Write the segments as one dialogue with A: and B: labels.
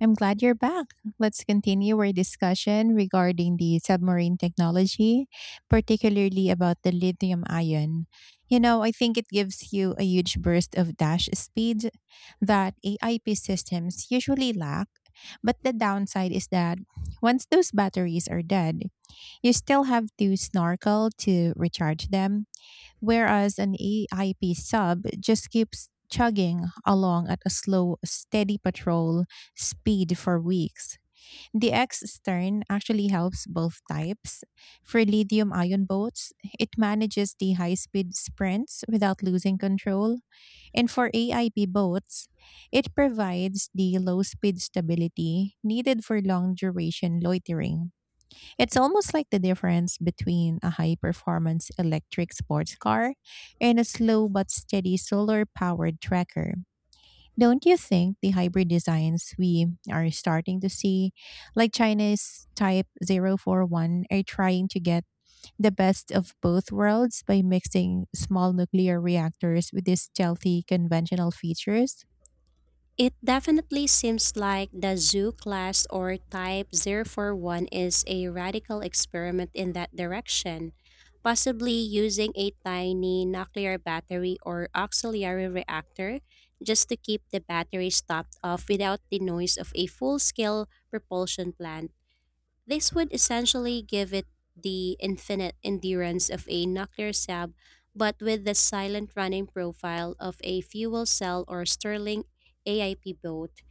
A: I'm glad you're back. Let's continue our discussion regarding the submarine technology, particularly about the lithium ion. I think it gives you a huge burst of dash speed that AIP systems usually lack. But the downside is that once those batteries are dead, you still have to snorkel to recharge them, whereas an AIP sub just keeps chugging along at a slow, steady patrol speed for weeks. The X stern actually helps both types. For lithium ion boats, it manages the high speed sprints without losing control. And for AIP boats, it provides the low speed stability needed for long duration loitering. It's almost like the difference between a high performance electric sports car and a slow but steady solar powered tracker. Don't you think the hybrid designs we are starting to see, like China's Type 041, are trying to get the best of both worlds by mixing small nuclear reactors with these stealthy conventional features?
B: It definitely seems like the zoo class or type 041 is a radical experiment in that direction, possibly using a tiny nuclear battery or auxiliary reactor just to keep the battery topped off without the noise of a full scale propulsion plant. This would essentially give it the infinite endurance of a nuclear sab, but with the silent running profile of a fuel cell or Stirling AIP boat,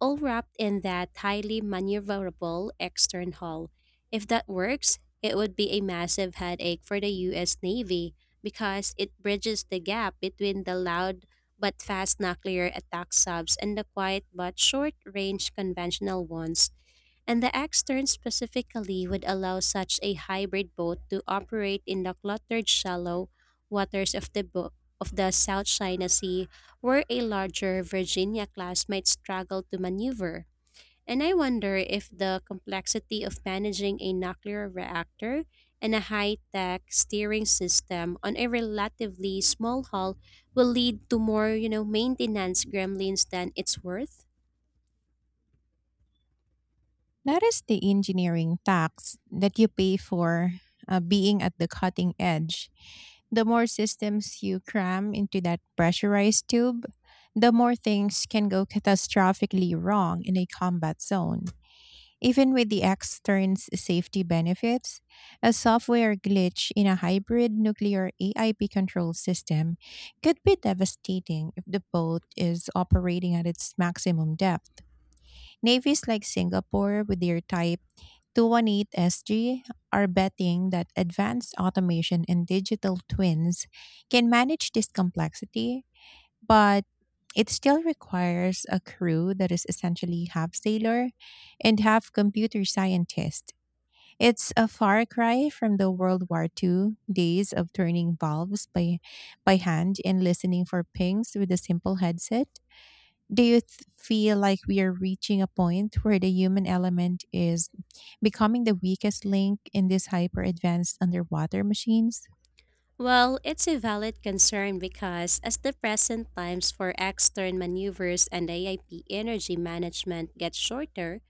B: all wrapped in that highly maneuverable extern hull. If that works, it would be a massive headache for the US Navy because it bridges the gap between the loud but fast nuclear attack subs and the quiet but short range conventional ones. And the X-turn specifically would allow such a hybrid boat to operate in the cluttered shallow waters of the of the South China Sea, where a larger Virginia class might struggle to maneuver. And I wonder if the complexity of managing a nuclear reactor and a high-tech steering system on a relatively small hull will lead to more, maintenance gremlins than it's worth.
A: That is the engineering tax that you pay for being at the cutting edge. The more systems you cram into that pressurized tube, the more things can go catastrophically wrong in a combat zone. Even with the extern's safety benefits, a software glitch in a hybrid nuclear AIP control system could be devastating if the boat is operating at its maximum depth. Navies like Singapore, with their Type 218SG, are betting that advanced automation and digital twins can manage this complexity, but it still requires a crew that is essentially half sailor and half computer scientist. It's a far cry from the World War Two days of turning valves by hand and listening for pings with a simple headset. Do you feel like we are reaching a point where the human element is becoming the weakest link in these hyper advanced underwater machines?
B: Well, it's a valid concern because as the present times for extern maneuvers and AIP energy management get shorter,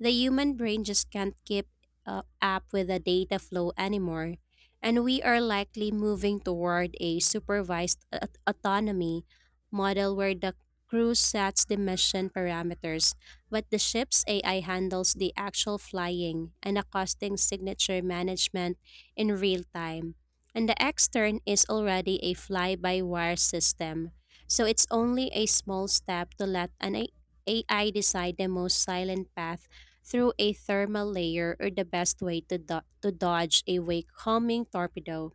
B: the human brain just can't keep up with the data flow anymore, and we are likely moving toward a supervised autonomy model where the crew sets the mission parameters, but the ship's AI handles the actual flying and the costing signature management in real time. And the extern is already a fly by wire system. So it's only a small step to let an AI decide the most silent path through a thermal layer or the best way to, to dodge a wake-coming torpedo.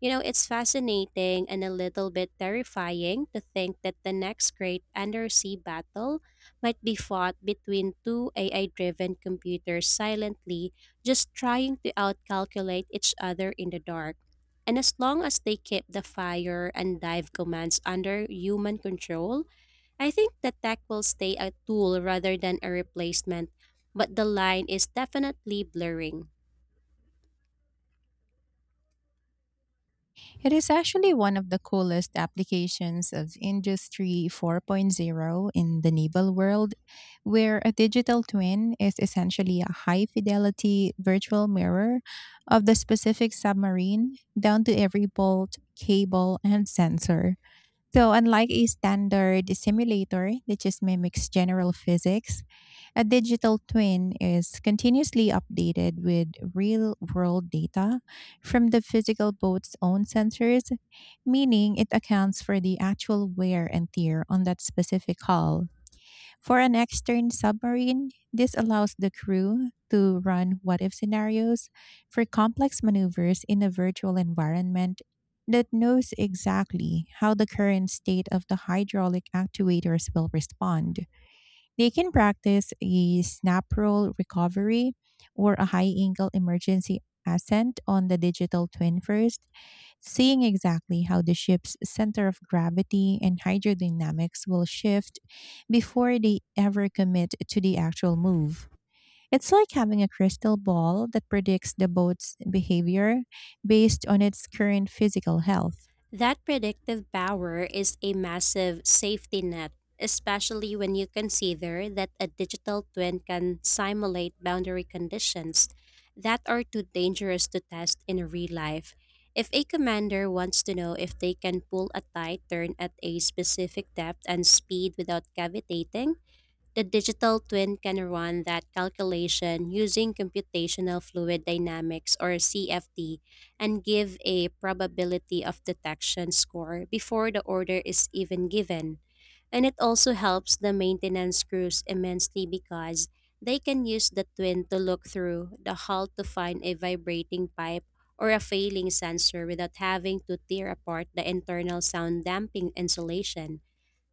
B: You know, it's fascinating and a little bit terrifying to think that the next great undersea battle might be fought between two AI driven computers silently, just trying to outcalculate each other in the dark. And as long as they keep the fire and dive commands under human control, I think the tech will stay a tool rather than a replacement, but the line is definitely blurring.
A: It is actually one of the coolest applications of Industry 4.0 in the naval world, where a digital twin is essentially a high fidelity virtual mirror of the specific submarine, down to every bolt, cable, and sensor. So, unlike a standard simulator that just mimics general physics, a digital twin is continuously updated with real world data from the physical boat's own sensors, meaning it accounts for the actual wear and tear on that specific hull. For an extern submarine, this allows the crew to run what if scenarios for complex maneuvers in a virtual environment that knows exactly how the current state of the hydraulic actuators will respond. They can practice a snap roll recovery or a high angle emergency ascent on the digital twin first, seeing exactly how the ship's center of gravity and hydrodynamics will shift before they ever commit to the actual move. It's like having a crystal ball that predicts the boat's behavior based on its current physical health.
B: That predictive power is a massive safety net, especially when you consider that a digital twin can simulate boundary conditions that are too dangerous to test in real life. If a commander wants to know if they can pull a tight turn at a specific depth and speed without cavitating, the digital twin can run that calculation using computational fluid dynamics or CFD and give a probability of detection score before the order is even given. And it also helps the maintenance crews immensely because they can use the twin to look through the hull to find a vibrating pipe or a failing sensor without having to tear apart the internal sound damping insulation.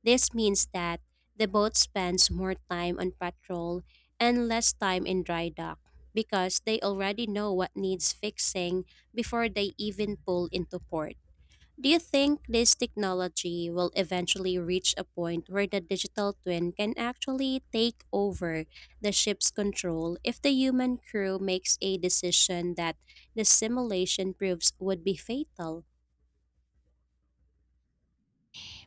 B: This means that the boat spends more time on patrol and less time in dry dock because they already know what needs fixing before they even pull into port. Do you think this technology will eventually reach a point where the digital twin can actually take over the ship's control if the human crew makes a decision that the simulation proves would be fatal?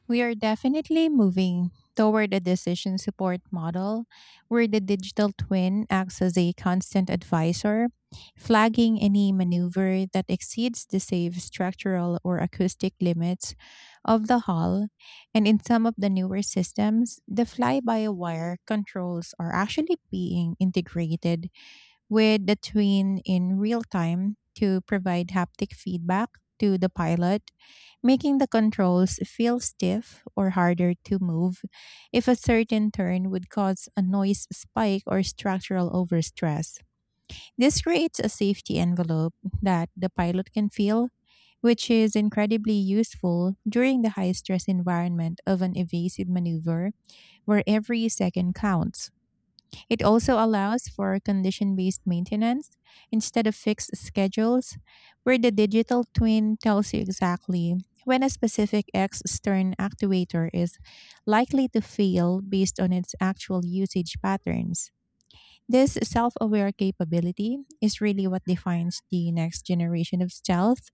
A: We are definitely moving toward a decision support model where the digital twin acts as a constant advisor, flagging any maneuver that exceeds the safe structural or acoustic limits of the hull. And in some of the newer systems, the fly by wire controls are actually being integrated with the twin in real time to provide haptic feedback to the pilot, making the controls feel stiff or harder to move if a certain turn would cause a noise spike or structural overstress. This creates a safety envelope that the pilot can feel, which is incredibly useful during the high stress environment of an evasive maneuver where every second counts. It also allows for condition based maintenance instead of fixed schedules, where the digital twin tells you exactly when a specific extern actuator is likely to fail based on its actual usage patterns. This self aware capability is really what defines the next generation of stealth,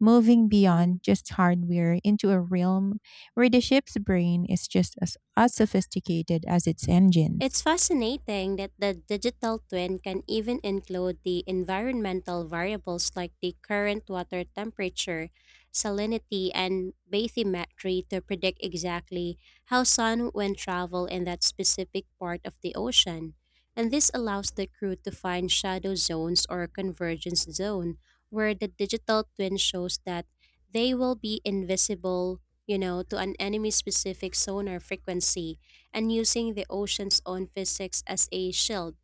A: moving beyond just hardware into a realm where the ship's brain is just as sophisticated as its engines.
B: It's fascinating that the digital twin can even include the environmental variables like the current water temperature, salinity, and bathymetry to predict exactly how sun will travel in that specific part of the ocean. And this allows the crew to find shadow zones or convergence zone where the digital twin shows that they will be invisible, you know, to an enemy specific sonar frequency and using the ocean's own physics as a shield.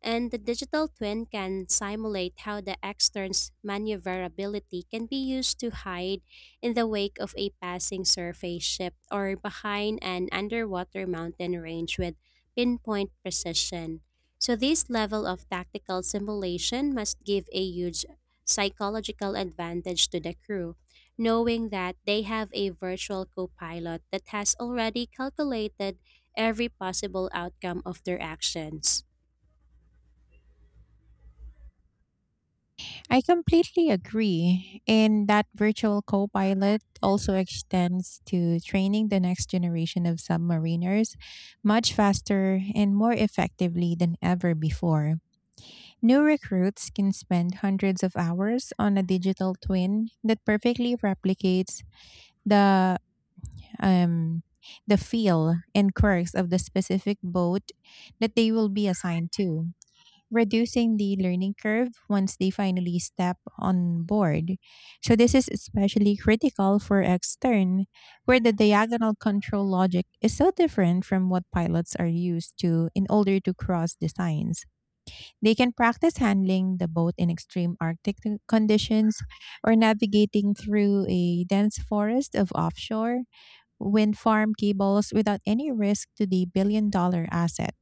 B: And the digital twin can simulate how the extern's maneuverability can be used to hide in the wake of a passing surface ship or behind an underwater mountain range with pinpoint precision. So, this level of tactical simulation must give a huge psychological advantage to the crew, knowing that they have a virtual co pilot that has already calculated every possible outcome of their actions.
A: I completely agree. And that virtual co-pilot also extends to training the next generation of submariners much faster and more effectively than ever before. New recruits can spend hundreds of hours on a digital twin that perfectly replicates the um the feel and quirks of the specific boat that they will be assigned to, reducing the learning curve once they finally step on board. So, this is especially critical for extern, where the diagonal control logic is so different from what pilots are used to in order to cross designs. They can practice handling the boat in extreme Arctic conditions, or navigating through a dense forest of offshore wind farm cables, without any risk to the billion dollar asset.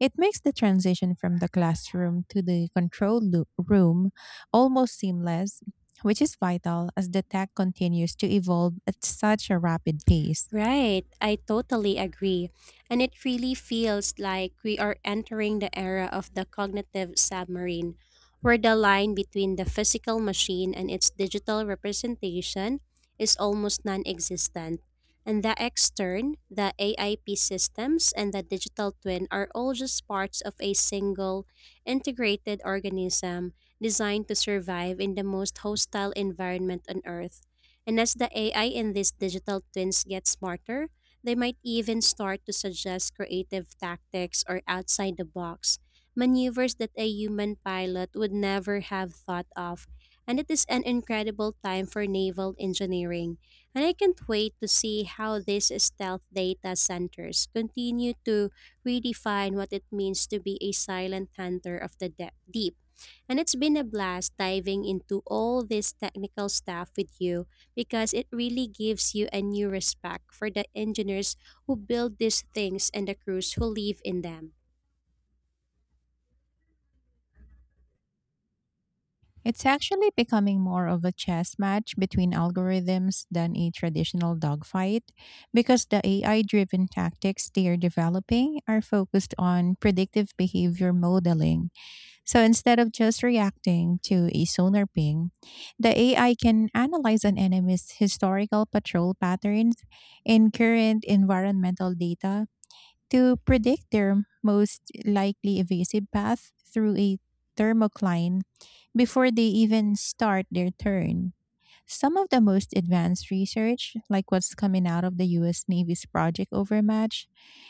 A: It makes the transition from the classroom to the control room almost seamless, which is vital as the tech continues to evolve at such a rapid pace.
B: Right, I totally agree. And it really feels like we are entering the era of the cognitive submarine, where the line between the physical machine and its digital representation is almost non existent. And the extern, the AIP systems, and the digital twin are all just parts of a single integrated organism designed to survive in the most hostile environment on Earth. And as the AI in these digital twins get smarter, they might even start to suggest creative tactics or outside the box maneuvers that a human pilot would never have thought of. And it is an incredible time for naval engineering. And I can't wait to see how these stealth data centers continue to redefine what it means to be a silent hunter of the deep. And it's been a blast diving into all this technical stuff with you because it really gives you a new respect for the engineers who build these things and the crews who live in them.
A: It's actually becoming more of a chess match between algorithms than a traditional dogfight, because the AI driven tactics they are developing are focused on predictive behavior modeling. So instead of just reacting to a sonar ping, the AI can analyze an enemy's historical patrol patterns and current environmental data to predict their most likely evasive path through a thermocline before they even start their turn. Some of the most advanced research, like what's coming out of the US Navy's Project Overmatch,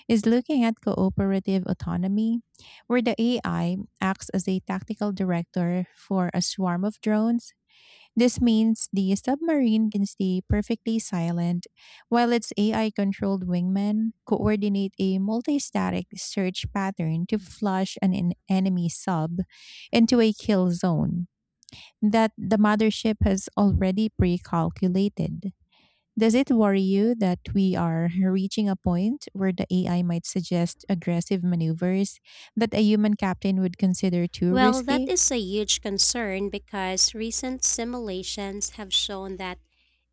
A: is looking at cooperative autonomy, where the AI acts as a tactical director for a swarm of drones. This means the submarine can stay perfectly silent while its AI controlled wingmen coordinate a multi-static search pattern to flush an enemy sub into a kill zone that the mothership has already pre calculated. Does it worry you that we are reaching a point where the AI might suggest aggressive maneuvers that a human captain would consider too
B: Well, that
A: risky?
B: is a huge concern because recent simulations have shown that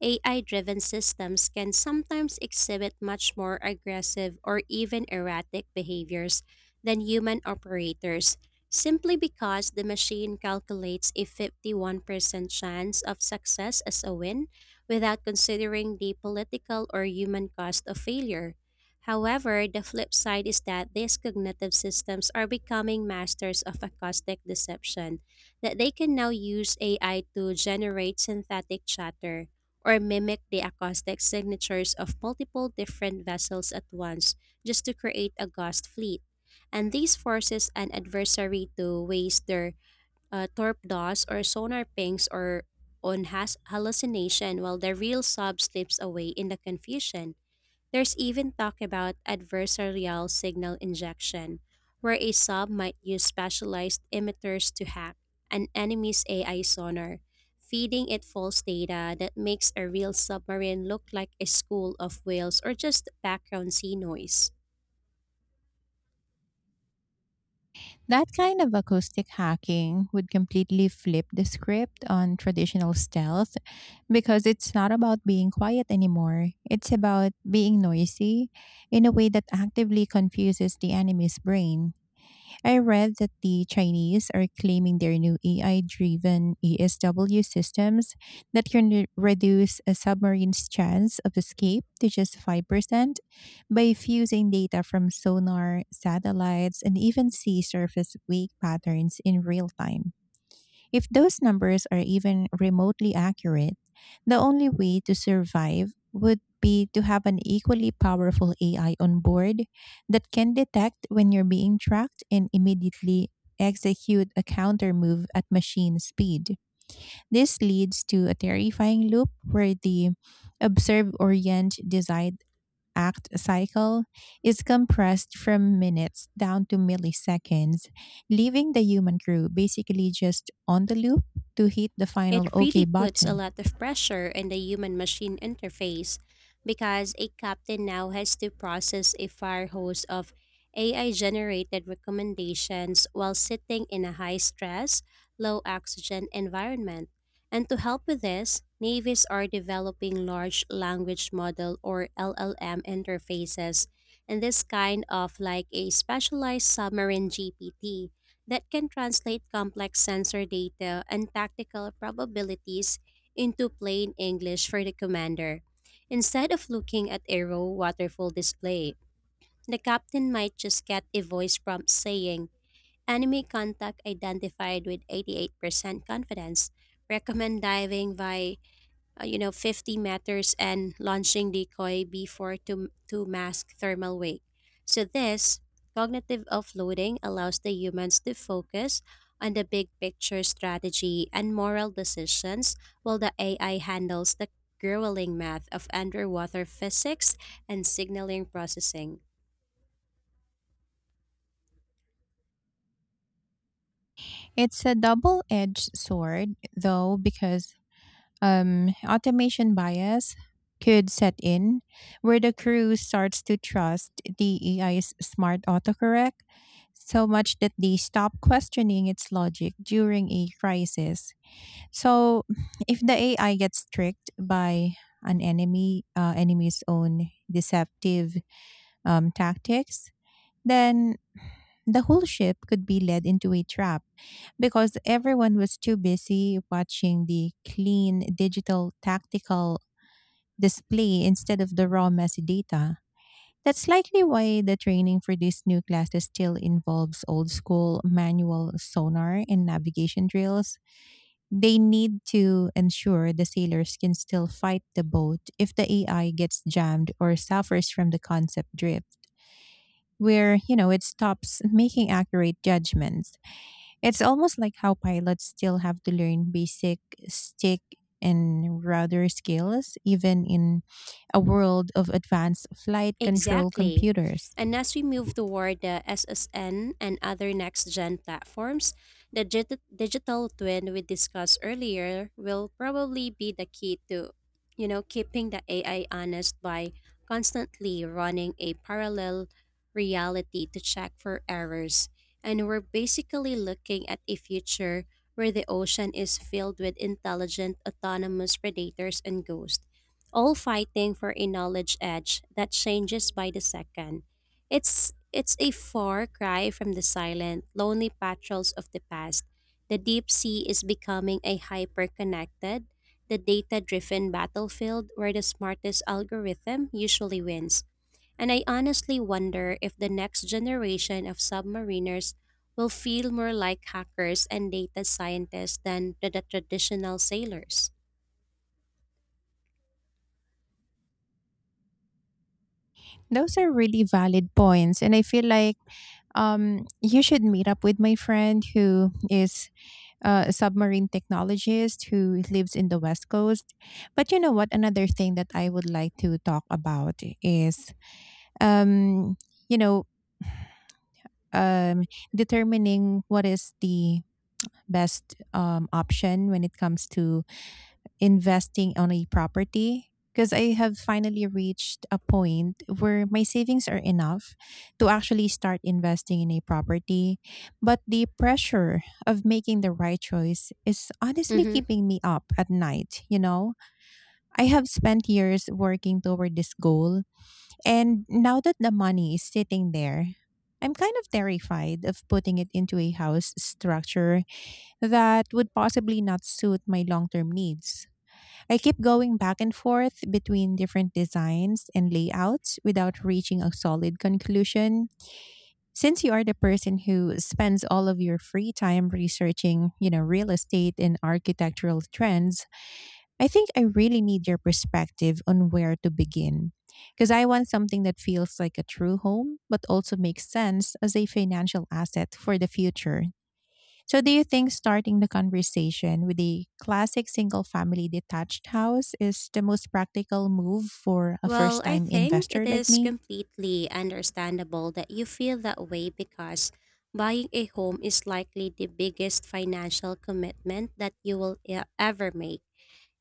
B: AI driven systems can sometimes exhibit much more aggressive or even erratic behaviors than human operators simply because the machine calculates a 51% chance of success as a win without considering the political or human cost of failure. However, the flip side is that these cognitive systems are becoming masters of acoustic deception, that they can now use AI to generate synthetic chatter or mimic the acoustic signatures of multiple different vessels at once just to create a ghost fleet. And this forces an adversary to waste their torpedoes or sonar pings or on hallucination while the real sub slips away in the confusion. There's even talk about adversarial signal injection, where a sub might use specialized emitters to hack an enemy's AI sonar, feeding it false data that makes a real submarine look like a school of whales or just background sea noise.
A: That kind of acoustic hacking would completely flip the script on traditional stealth, because it's not about being quiet anymore. It's about being noisy in a way that actively confuses the enemy's brain. I read that the Chinese are claiming their new AI driven ESW systems that can reduce a submarine's chance of escape to just 5% by fusing data from sonar, satellites, and even sea surface wake patterns in real time. If those numbers are even remotely accurate, the only way to survive would be to have an equally powerful AI on board that can detect when you're being tracked and immediately execute a counter move at machine speed. This leads to a terrifying loop where the observe, orient, decide, act cycle is compressed from minutes down to milliseconds, leaving the human crew basically just on the loop to hit the final
B: It
A: OK
B: really puts a
A: button.
B: lot of pressure in the human machine interface because a captain now has to process a fire hose of AI generated recommendations while sitting in a high stress, low oxygen environment. And to help with this, navies are developing large language model or LLM interfaces and this kind of like a specialized submarine GPT that can translate complex sensor data and tactical probabilities into plain English for the commander. Instead of looking at a raw waterfall display, the captain might just get a voice prompt saying, "Enemy contact identified with 88% confidence. Recommend diving via 50 meters and launching decoy before to mask thermal wake." So this cognitive offloading allows the humans to focus on the big picture strategy and moral decisions while the AI handles the grueling math of underwater physics and signaling processing.
A: It's a double edged sword, though, because automation bias could set in, where the crew starts to trust the AI's smart autocorrect so much that they stop questioning its logic during a crisis. So, if the AI gets tricked by an enemy's own deceptive tactics, then the whole ship could be led into a trap because everyone was too busy watching the clean digital tactical display instead of the raw messy data. That's likely why the training for these new classes still involves old school manual sonar and navigation drills. They need to ensure the sailors can still fight the boat if the AI gets jammed or suffers from the concept drift, where it stops making accurate judgments. It's almost like how pilots still have to learn basic stick and rudder skills, even in a world of advanced flight control
B: Exactly.
A: computers.
B: And as we move toward the SSN and other next gen platforms, the digital twin we discussed earlier will probably be the key to, you know, keeping the AI honest by constantly running a parallel reality to check for errors. And we're basically looking at a future where the ocean is filled with intelligent autonomous predators and ghosts all fighting for a knowledge edge that changes by the second. It's a far cry from the silent, lonely patrols of the past. The deep sea is becoming a hyper-connected, the data-driven battlefield where the smartest algorithm usually wins. And I honestly wonder if the next generation of submariners will feel more like hackers and data scientists than the traditional sailors.
A: Those are really valid points. And I feel like you should meet up with my friend who is a submarine technologist who lives in the West Coast. But you know what? Another thing that I would like to talk about is, um, you know, um, determining what is the best option when it comes to investing on a property, because I have finally reached a point where my savings are enough to actually start investing in a property. But the pressure of making the right choice is honestly
B: Mhm.
A: keeping me up at night. I have spent years working toward this goal, and now that the money is sitting there, I'm kind of terrified of putting it into a house structure that would possibly not suit my long term needs. I keep going back and forth between different designs and layouts without reaching a solid conclusion. Since you are the person who spends all of your free time researching, real estate and architectural trends, I think I really need your perspective on where to begin. Because I want something that feels like a true home, but also makes sense as a financial asset for the future. So, do you think starting the conversation with a classic single family detached house is the most practical move for a
B: Well,
A: first
B: I
A: time
B: think it
A: investor like
B: is
A: me?
B: completely understandable that you feel that way because buying a home is likely the biggest financial commitment that you will ever make.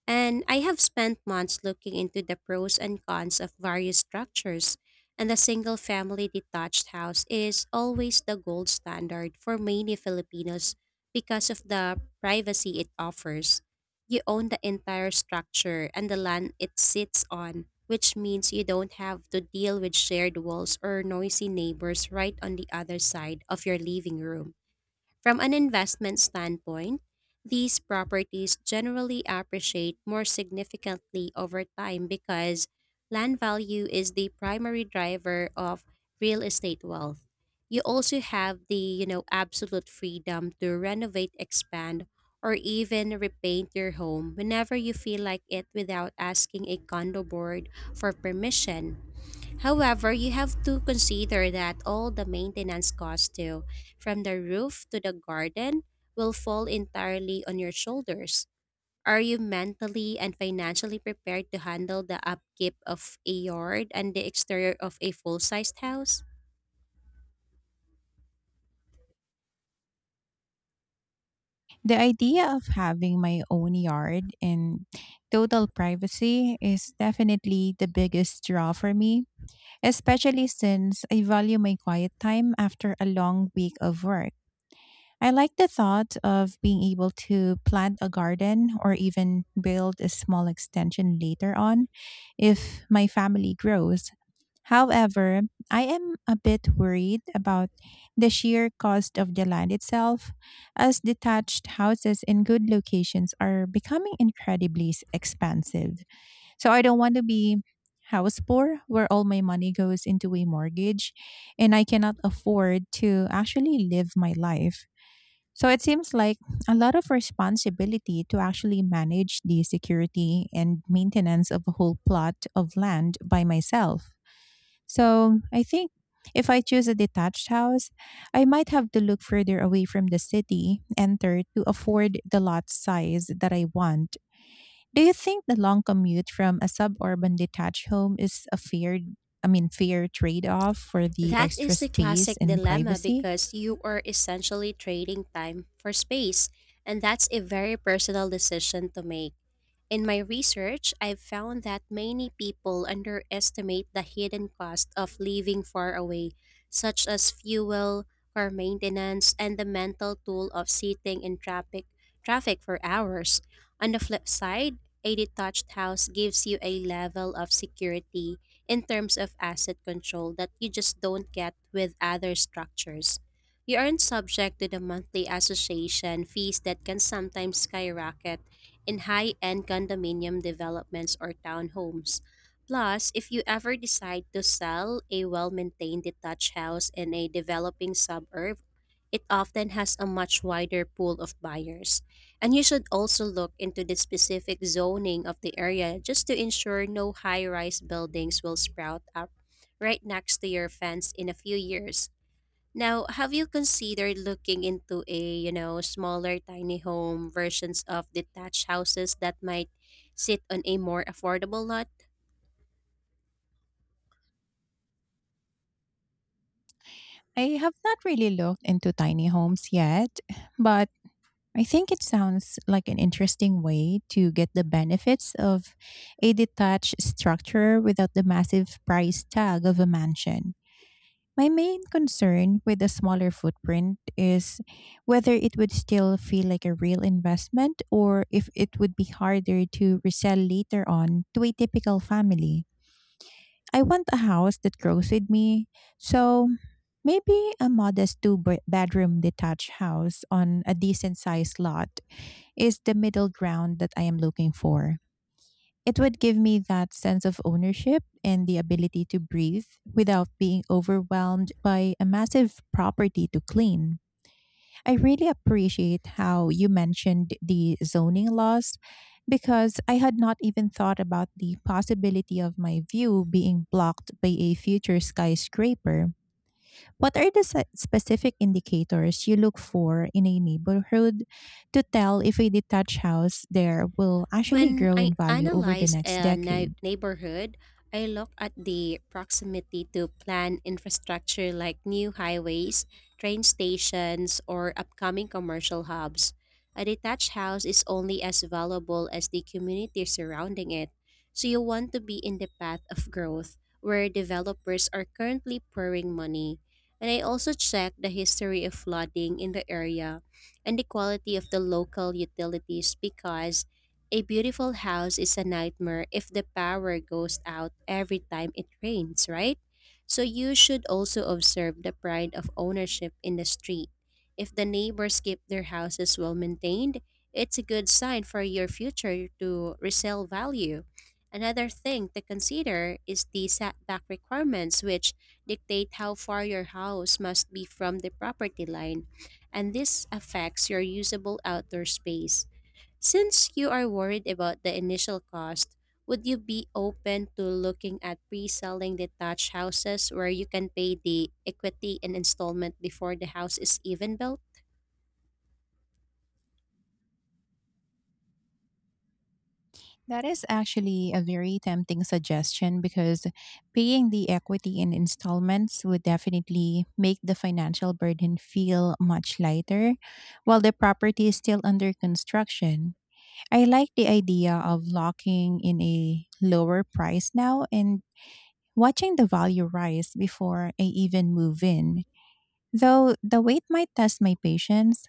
B: And I have spent months looking into the pros and cons of various structures, and the single family detached house is always the gold standard for many Filipinos because of the privacy it offers. You own the entire structure and the land it sits on, which means you don't have to deal with shared walls or noisy neighbors right on the other side of your living room. From an investment standpoint, these properties generally appreciate more significantly over time because land value is the primary driver of real estate wealth. You also have the, absolute freedom to renovate, expand, or even repaint your home whenever you feel like it without asking a condo board for permission. However, you have to consider that all the maintenance costs too, from the roof to the garden, will fall entirely on your shoulders. Are you mentally and financially prepared to handle the upkeep of a yard and the exterior of a full-sized house?
A: The idea of having my own yard and total privacy is definitely the biggest draw for me, especially since I value my quiet time after a long week of work. I like the thought of being able to plant a garden or even build a small extension later on if my family grows. However, I am a bit worried about the sheer cost of the land itself, as detached houses in good locations are becoming expensive. So I don't want to be house poor, where all my money goes into a mortgage and I cannot afford to actually live my life. So it seems like a lot of responsibility to actually manage the security and maintenance of a whole plot of land by myself. So I think if I choose a detached house, I might have to look further away from the city enter to afford the lot size that I want. Do you think the long commute from a suburban detached home is a fair I mean fair trade-off for the
B: That
A: extra
B: is the
A: space
B: classic
A: and
B: dilemma
A: privacy?
B: because you are essentially trading time for space, and that's a very personal decision to make. In my research, I've found that many people underestimate the hidden cost of living far away, such as fuel, car maintenance, and the mental toll of sitting in traffic for hours. On the flip side, a detached house gives you a level of security in terms of asset control that you just don't get with other structures. You aren't subject to the monthly association fees that can sometimes skyrocket in high end condominium developments or townhomes. Plus, if you ever decide to sell a well maintained detached house in a developing suburb, it often has a much wider pool of buyers. And you should also look into the specific zoning of the area just to ensure no high rise buildings will sprout up right next to your fence in a few years. Now, have you considered looking into a, smaller tiny home versions of detached houses that might sit on a more affordable lot?
A: I have not really looked into tiny homes yet, but I think it sounds like an interesting way to get the benefits of a detached structure without the massive price tag of a mansion. My main concern with the smaller footprint is whether it would still feel like a real investment or if it would be harder to resell later on to a typical family. I want a house that grows with me. So maybe a modest bedroom detached house on a decent sized lot is the middle ground that I am looking for. It would give me that sense of ownership and the ability to breathe without being overwhelmed by a massive property to clean. I really appreciate how you mentioned the zoning laws because I had not even thought about the possibility of my view being blocked by a future skyscraper. What are the specific indicators you look for in a neighborhood to tell if a detached house there will actually
B: When
A: grow in
B: I
A: value over the
B: analyze
A: next
B: a
A: decade?
B: neighborhood, I look at the proximity to planned infrastructure like new highways, train stations, or upcoming commercial hubs. A detached house is only as valuable as the community surrounding it, so you want to be in the path of growth where developers are currently pouring money. And I also check the history of flooding in the area and the quality of the local utilities because a beautiful house is a nightmare if the power goes out every time it rains, right? So you should also observe the pride of ownership in the street. If the neighbors keep their houses well maintained, it's a good sign for your future to resell value. Another thing to consider is the setback requirements, which dictate how far your house must be from the property line, and this affects your usable outdoor space. Since you are worried about the initial cost, would you be open to looking at pre selling detached houses where you can pay the equity and installment before the house is even built?
A: That is actually a very tempting suggestion because paying the equity in installments would definitely make the financial burden feel much lighter while the property is still under construction. I like the idea of locking in a lower price now and watching the value rise before I even move in, though the wait might test my patience.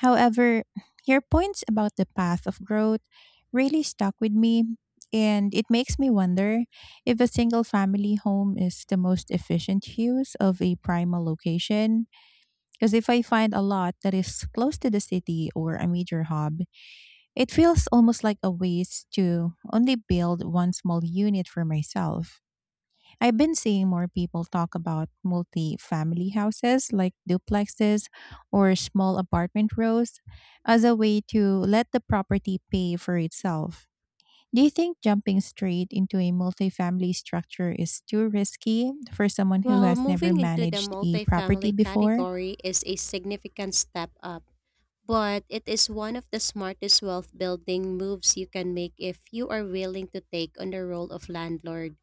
A: However, your points about the path of growth really stuck with me, and it makes me wonder if a single family home is the most efficient use of a primal location. Because if I find a lot that is close to the city or a major hub, it feels almost like a waste to only build one small unit for myself. I've been seeing more people talk about multi family houses like duplexes or small apartment rows as a way to let the property pay for itself. Do you think jumping straight into a multifamily structure is too risky for someone who
B: Well,
A: has never
B: moving into the
A: managed a property
B: multifamily
A: before?
B: category is a significant step up, but it is one of the smartest wealth building moves you can make if you are willing to take on the role of landlord.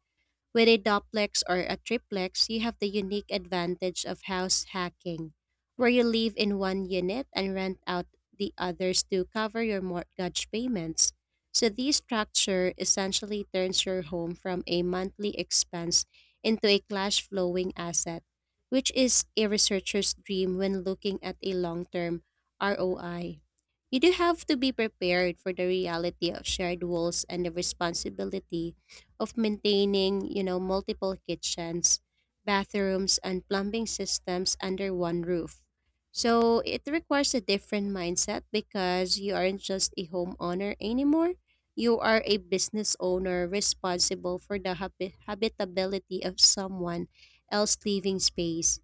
B: With a duplex or a triplex, you have the unique advantage of house hacking, where you live in one unit and rent out the others to cover your mortgage payments. So, this structure essentially turns your home from a monthly expense into a cash flowing asset, which is a researcher's dream when looking at a long term ROI. You do have to be prepared for the reality of shared walls and the responsibility of maintaining, multiple kitchens, bathrooms, and plumbing systems under one roof. So it requires a different mindset because you aren't just a homeowner anymore. You are a business owner responsible for the habitability of someone else's living space.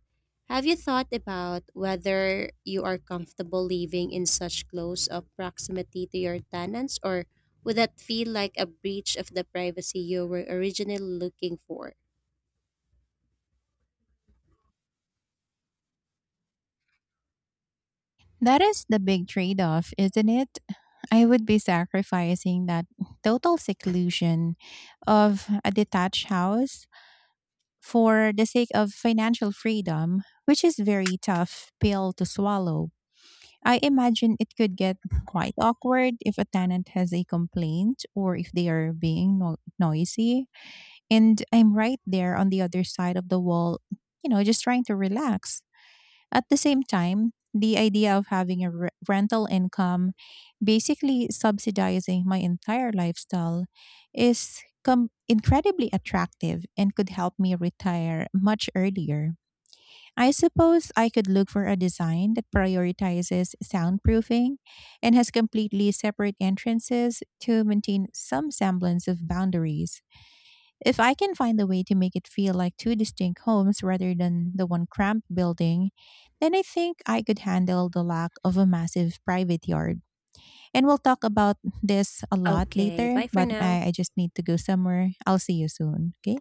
B: Have you thought about whether you are comfortable living in such close of proximity to your tenants or would that feel like a breach of the privacy you were originally looking for?
A: That is the big trade off, isn't it? I would be sacrificing that total seclusion of a detached house for the sake of financial freedom, which is very tough pill to swallow. I imagine it could get quite awkward if a tenant has a complaint or if they are being noisy, and I'm right there on the other side of the wall, you know, just trying to relax. At the same time, the idea of having a rental income, basically subsidizing my entire lifestyle, is incredibly attractive and could help me retire much earlier. I suppose I could look for a design that prioritizes soundproofing and has completely separate entrances to maintain some semblance of boundaries. If I can find a way to make it feel like two distinct homes rather than the one cramped building, then I think I could handle the lack of a massive private yard. And we'll talk about this a lot
B: Okay,
A: later,
B: bye for
A: but
B: now.
A: I just need to go somewhere. I'll see you soon. Okay,